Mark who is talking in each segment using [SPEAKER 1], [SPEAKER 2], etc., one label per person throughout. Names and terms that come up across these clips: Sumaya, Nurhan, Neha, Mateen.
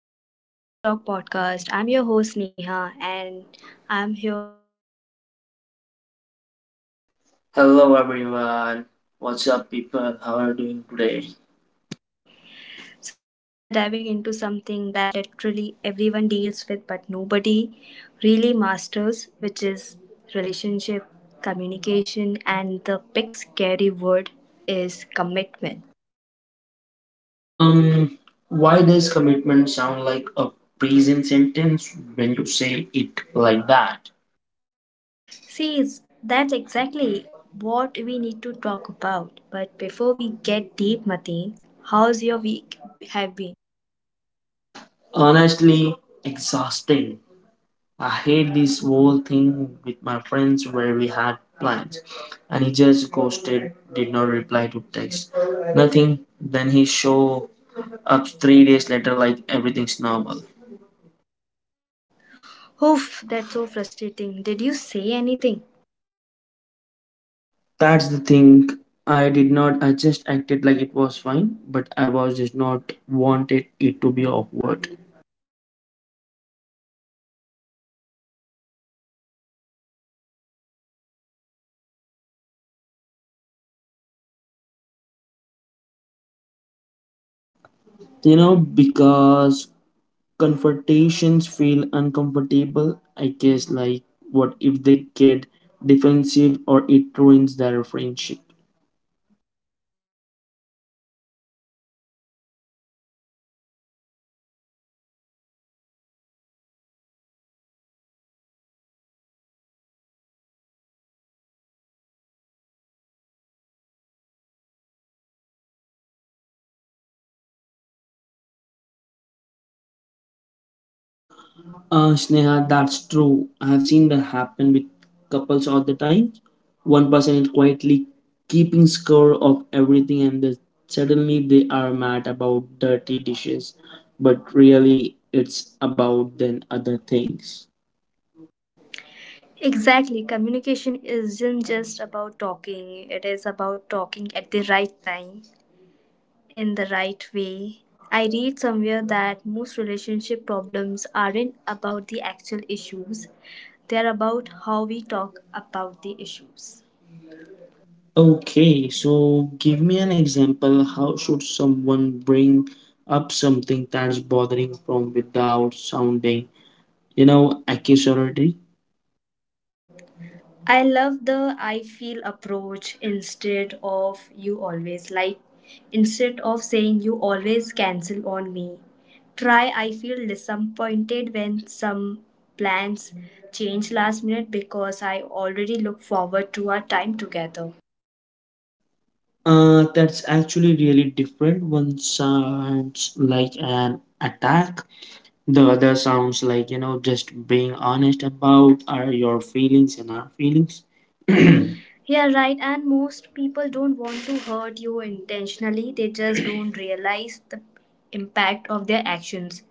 [SPEAKER 1] to the Real Talk podcast. I'm your host Neha and I'm here with my amazing co host.
[SPEAKER 2] Hello everyone. What's up people? How are you doing today?
[SPEAKER 1] So, today we are diving into something that literally everyone deals with but nobody really masters, which is relationship, communication, and the big scary word is commitment.
[SPEAKER 2] Um why does commitment sound like a prison sentence when you say it like that?
[SPEAKER 1] See, it's- that's exactly what we need to talk about. But before we get deep, Mateen, how's your week have been?
[SPEAKER 2] Honestly, exhausting. I hate this whole thing with my friends where we had plans and he just ghosted, did not reply to text. Nothing. Then he show up 3 days later like everything's normal.
[SPEAKER 1] Oof, that's so frustrating. Did you say anything?
[SPEAKER 2] That's the thing. I did not. I just acted like it was fine, but I was just not wanted it to be awkward.
[SPEAKER 1] Okay, that's right. There is our first topic. Why do we do that? Why we avoid the conversation even when something bothering us?
[SPEAKER 2] You know, because confrontations feel uncomfortable. I guess like what if they get defensive or it ruins their friendship.
[SPEAKER 1] But here's what I have learned the hard way that not saying anything doesn't make the problem go away. It just builds up. You know what I mean? Like, you will be fine the first time, maybe the second, but by the third time, you are going to explode over something small.
[SPEAKER 2] Sneha, that's true. I have seen that happen with couples all the time. One person is quietly keeping score of everything, and then suddenly they are mad about dirty dishes. But really, it's about then other things.
[SPEAKER 1] Exactly. Communication isn't just about talking, it is about talking at the right time, in the right way. I read somewhere that most relationship problems aren't about the actual issues, they are about how we talk about the issues.
[SPEAKER 2] Okay, so give me an example. How should someone bring up something that's bothering from without sounding, accusatory?
[SPEAKER 1] I love the I feel approach instead of you always. Like, instead of saying you always cancel on me, try I feel disappointed when some plans change last minute because I already look forward to our time together.
[SPEAKER 2] That's actually really different. One sounds like an attack, the other sounds like, just being honest about are your feelings and our feelings.
[SPEAKER 1] Yeah, right. And most people don't want to hurt you intentionally, they just don't realize the impact of their actions.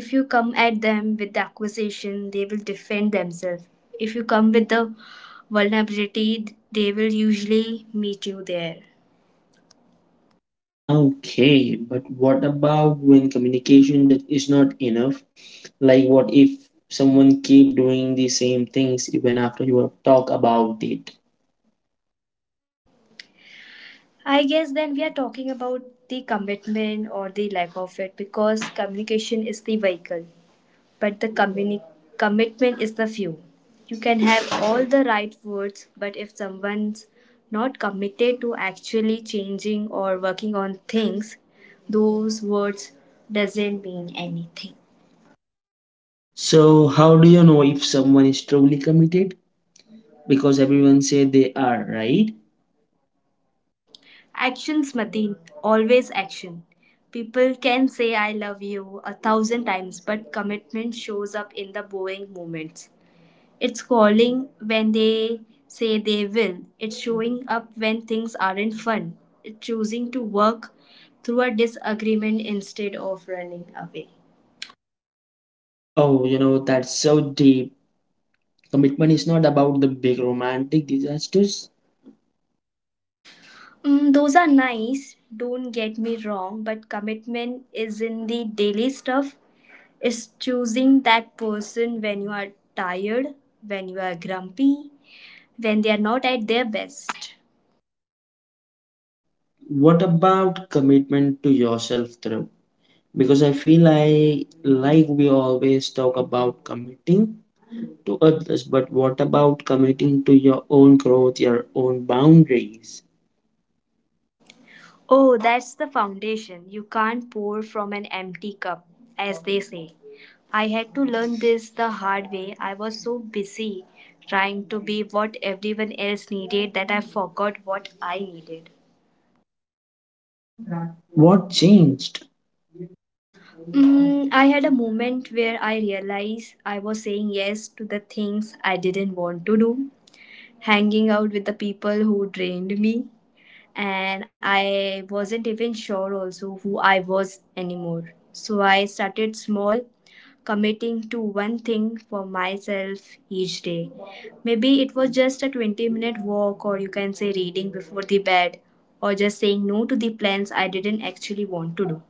[SPEAKER 1] If you come at them with the accusation, they will defend themselves. If you come with the vulnerability, they will usually meet you there.
[SPEAKER 2] Okay, but what about when communication that is not enough? Like what if someone keep doing the same things even after you have talked about it?
[SPEAKER 1] I guess then we are talking about the commitment or the lack of it because communication is the vehicle, but the commitment is the fuel. You can have all the right words, but if someone's not committed to actually changing or working on things, those words doesn't mean anything.
[SPEAKER 2] So how do you know if someone is truly committed? Because everyone say they are, right?
[SPEAKER 1] Actions, Mateen. Always action. People can say I love you 1,000 times, but commitment shows up in the boring moments. It's calling when they say they will. It's showing up when things aren't fun. It's choosing to work through a disagreement instead of running away.
[SPEAKER 2] Oh, you know, that's so deep. Commitment is not about the big romantic disasters.
[SPEAKER 1] Mm, those are nice, don't get me wrong, but commitment is in the daily stuff. It's choosing that person when you are tired, when you are grumpy, when they are not at their best.
[SPEAKER 2] Oh, what about commitment to yourself, through? Because I feel like we always talk about committing to others, but what about committing to your own growth, your own boundaries?
[SPEAKER 1] Oh, that's the foundation. You can't pour from an empty cup, as they say. I had to learn this the hard way. I was so busy trying to be what everyone else needed that I forgot what I needed.
[SPEAKER 2] What changed?
[SPEAKER 1] Mm, I had a moment where I realized I was saying yes to the things I didn't want to do, hanging out with the people who drained me and I wasn't even sure also who I was anymore. So I started small, committing to one thing for myself each day. Maybe it was just a 20-minute walk, or you can say reading before the bed, or just saying no to the plans I didn't actually want to do.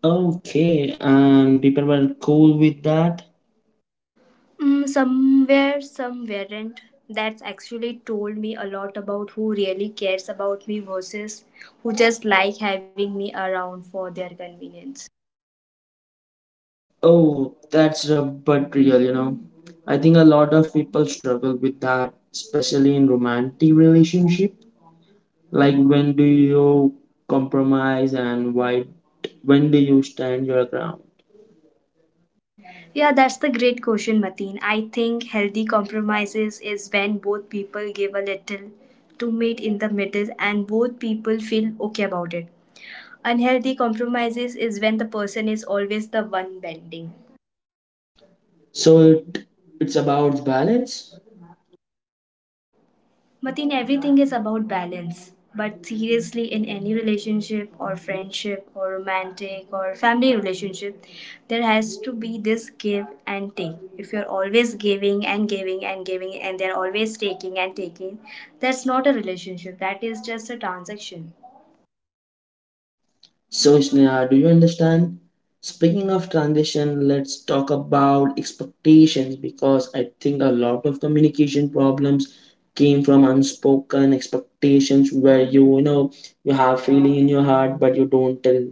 [SPEAKER 2] Okay, and people were cool with that.
[SPEAKER 1] Mm, somewhere some weren't. That's actually told me a lot about who really cares about me versus who just like having me around for their convenience.
[SPEAKER 2] Oh, that's rough but real, you know. I think a lot of people struggle with that, especially in romantic relationship. Like when do you compromise and why when do you stand your ground?
[SPEAKER 1] Yeah, that's the great question, Mateen. I think healthy compromises is when both people give a little to meet in the middle and both people feel okay about it. Unhealthy compromises is when the person is always the one bending.
[SPEAKER 2] So it's about balance.
[SPEAKER 1] Matin, everything is about balance. But seriously, in any relationship or friendship or romantic or family relationship, there has to be this give and take. If you're always giving and giving and giving and they're always taking and taking, that's not a relationship. That is just a transaction.
[SPEAKER 2] So, Sneha, do you understand? Speaking of transition, let's talk about expectations because I think a lot of communication problems came from unspoken expectations where you have feeling in your heart but you don't tell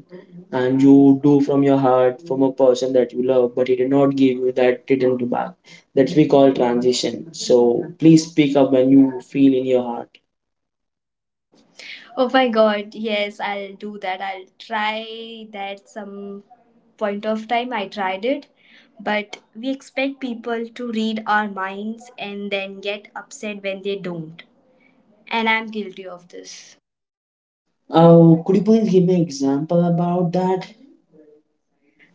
[SPEAKER 2] and you do from your heart from a person that you love but he did not give you that return to back that we call transition, so please speak up when you feel in your heart.
[SPEAKER 1] Oh my god, yes, I'll do that. I'll try that some point of time. I tried it, but we expect people to read our minds and then get upset when they don't. And I'm guilty of this.
[SPEAKER 2] Oh, could you please give me an example about that?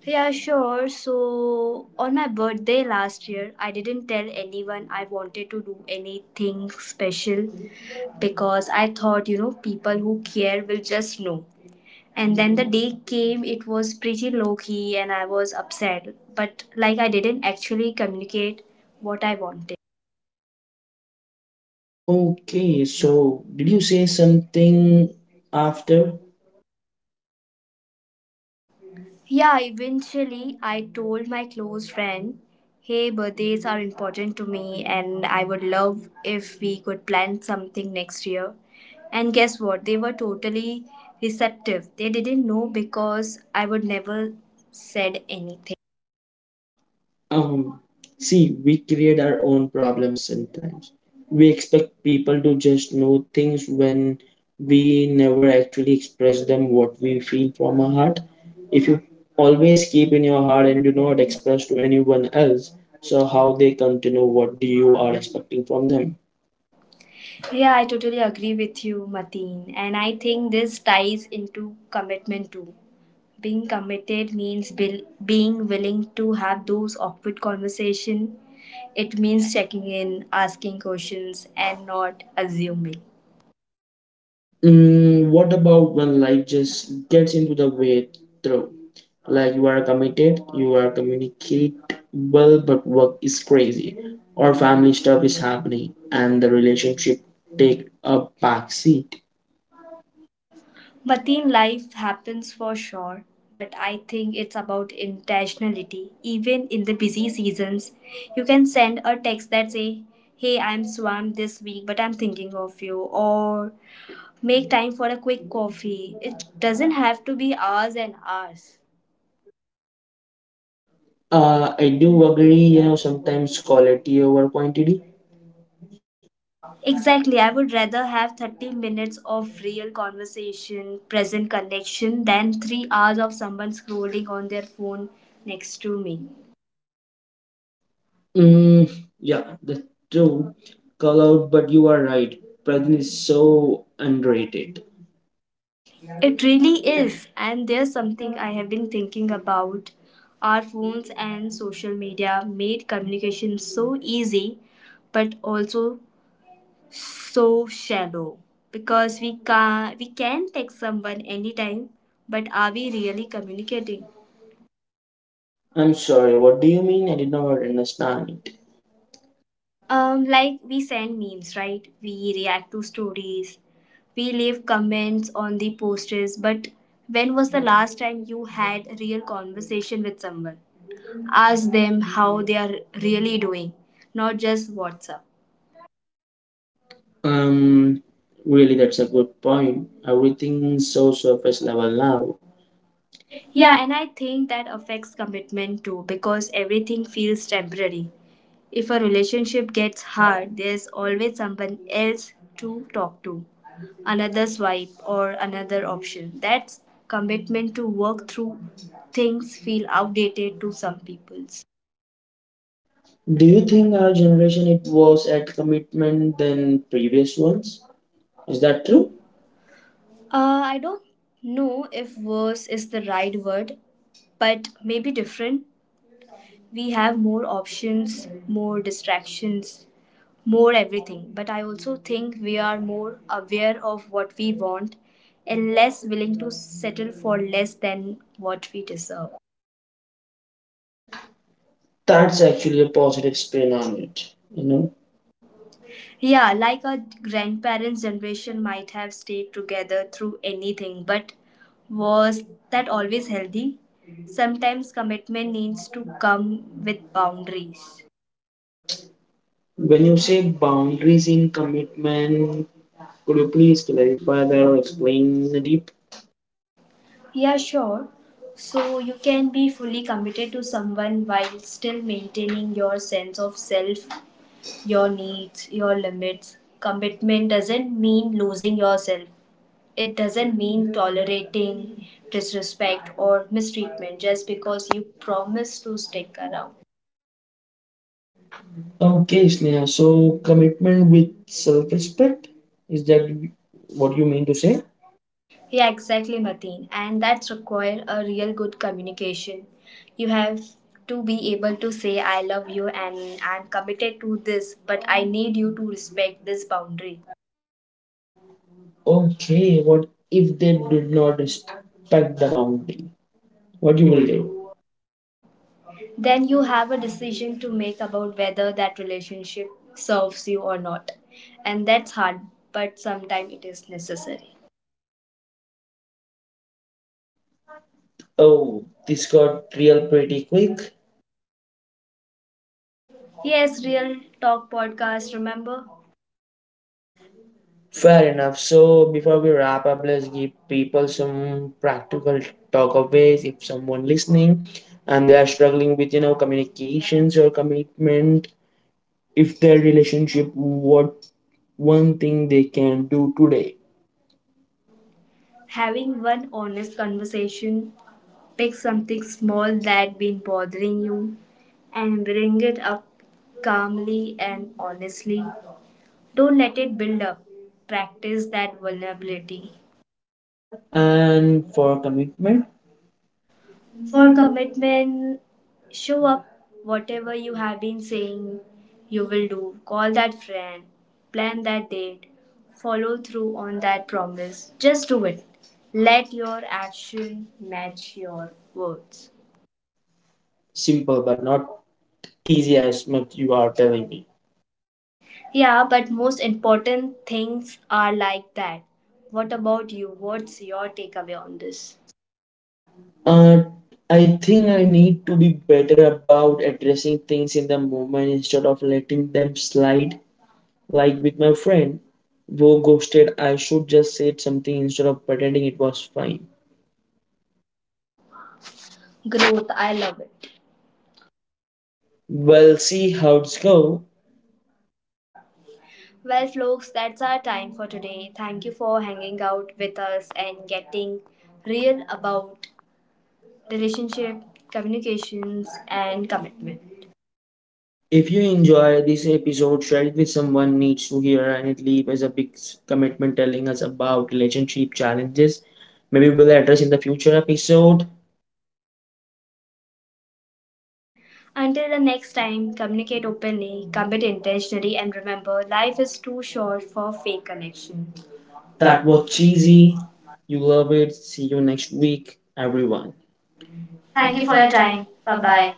[SPEAKER 1] Yeah, sure. So, on my birthday last year, I didn't tell anyone I wanted to do anything special because I thought, you know, people who care will just know. And then the day came, it was pretty low key, and I was upset. But like, I didn't actually communicate what I wanted.
[SPEAKER 2] Okay, so did you say something after?
[SPEAKER 1] Yeah, eventually, I told my close friend, "Hey, birthdays are important to me, and I would love if we could plan something next year." And guess what? They were totally receptive. They didn't know because I would never said anything.
[SPEAKER 2] Um, see, we create our own problems sometimes. We expect people to just know things when we never actually express them what we feel from our heart. If you always keep in your heart and do not express to anyone else, so how they come to know what you are expecting from them?
[SPEAKER 1] Yeah, I totally agree with you, Mateen. And I think this ties into commitment too. Being committed means being willing to have those awkward conversations. It means checking in, asking questions, and not assuming.
[SPEAKER 2] Mm, what about when life just gets into the way through? Like you are committed, you are communicate well, but work is crazy, or family stuff is happening, and the relationship take a back seat.
[SPEAKER 1] Mateen, life happens for sure, but I think it's about intentionality. Even in the busy seasons, you can send a text that say, "Hey, I'm swamped this week, but I'm thinking of you," or make time for a quick coffee. It doesn't have to be hours and hours.
[SPEAKER 2] I do agree. You know, sometimes quality over quantity.
[SPEAKER 1] Exactly. I would rather have 30 minutes of real conversation, present connection, than 3 hours of someone scrolling on their phone next to me.
[SPEAKER 2] Mm, yeah, that's true. Call out, but you are right. Present is so underrated.
[SPEAKER 1] It really is. And there's something I have been thinking about. Our phones and social media made communication so easy, but also so shallow because we can text someone anytime, but are we really communicating?
[SPEAKER 2] I'm sorry. What do you mean? I did not understand it.
[SPEAKER 1] Like we send memes, right? We react to stories. We leave comments on the posters, but when was the last time you had a real conversation with someone? Ask them how they are really doing, not just WhatsApp.
[SPEAKER 2] Um, really, that's a good point. Everything's so surface level now. Yeah.
[SPEAKER 1] Yeah, and I think that affects commitment too because everything feels temporary. If a relationship gets hard, there's always someone else to talk to, another swipe, or another option. That's commitment to work through things feel outdated to some people's.
[SPEAKER 2] Do you think our generation it was at commitment than previous ones? Is that
[SPEAKER 1] That true?
[SPEAKER 2] true?
[SPEAKER 1] I don't know if worse is the right word, but maybe different. We have more options, more distractions, more everything, but I also think we are more aware of what we want and less willing to settle for less than what we deserve.
[SPEAKER 2] That's actually a positive spin on it. You know,
[SPEAKER 1] Yeah, like our grandparents' generation might have stayed together through anything, but was that always healthy? Sometimes commitment needs to come with boundaries.
[SPEAKER 2] when you say boundaries in commitment, could you please clarify that or explain the deep?
[SPEAKER 1] Yeah, sure. So you can be fully committed to someone while still maintaining your sense of self, your needs, your limits. Commitment doesn't mean losing yourself. It doesn't mean tolerating disrespect or mistreatment just because you promise to stick around.
[SPEAKER 2] Okay, Sneha. So commitment with self-respect is that what you mean to say?
[SPEAKER 1] Yeah, exactly, Mateen. And that's require a real good communication. You have to be able to say I love you and I'm committed to this, but I need you to respect this boundary.
[SPEAKER 2] Okay, what if they did not respect the boundary? What
[SPEAKER 1] What
[SPEAKER 2] you
[SPEAKER 1] you
[SPEAKER 2] will
[SPEAKER 1] will
[SPEAKER 2] do?
[SPEAKER 1] do? Then you have a decision to make about whether that relationship serves you or not. And that's hard, but sometimes it is necessary.
[SPEAKER 2] Oh, this got real pretty quick.
[SPEAKER 1] Yes, Real Talk podcast, remember?
[SPEAKER 2] Fair enough. So before we wrap up, let's give people some practical takeaways. If someone listening and they are struggling with communications or commitment, if their relationship, what one thing they can do today?
[SPEAKER 1] Having one honest conversation, pick something small that been bothering you and bring it up calmly and honestly. Don't let it build up. Practice that vulnerability.
[SPEAKER 2] And for commitment, for
[SPEAKER 1] For commitment, show up whatever you have been saying you will do. Call that friend, plan that date, follow through on that promise. Just do it. Let your action match your words.
[SPEAKER 2] simple but not easy as much you are telling me.
[SPEAKER 1] Yeah, but most important things are like that. What about you? What's your takeaway on this?
[SPEAKER 2] Uh, I think I need to be better about addressing things in the moment instead of letting them slide. Like with my friend who ghosted, I should just said something instead of pretending it was fine.
[SPEAKER 1] Growth, I love it.
[SPEAKER 2] Well, see how it's go.
[SPEAKER 1] Well, folks, that's our time for today. Thank you for hanging out with us and getting real about relationship, communications, and commitment.
[SPEAKER 2] If you enjoy this episode, share it with someone needs to hear, and it leave as a big commitment telling us about relationship challenges. Maybe we'll address in the future episode.
[SPEAKER 1] Until the next time, communicate openly, commit intentionally, and remember life is too short for fake connection.
[SPEAKER 2] That
[SPEAKER 1] That
[SPEAKER 2] was
[SPEAKER 1] was
[SPEAKER 2] cheesy.
[SPEAKER 1] cheesy.
[SPEAKER 2] You love it. See you next week, everyone. Thank
[SPEAKER 1] Thank
[SPEAKER 2] you
[SPEAKER 1] you
[SPEAKER 2] for
[SPEAKER 1] for
[SPEAKER 2] your
[SPEAKER 1] your
[SPEAKER 2] time.
[SPEAKER 1] time.
[SPEAKER 2] Bye
[SPEAKER 1] Bye
[SPEAKER 2] bye.
[SPEAKER 1] bye.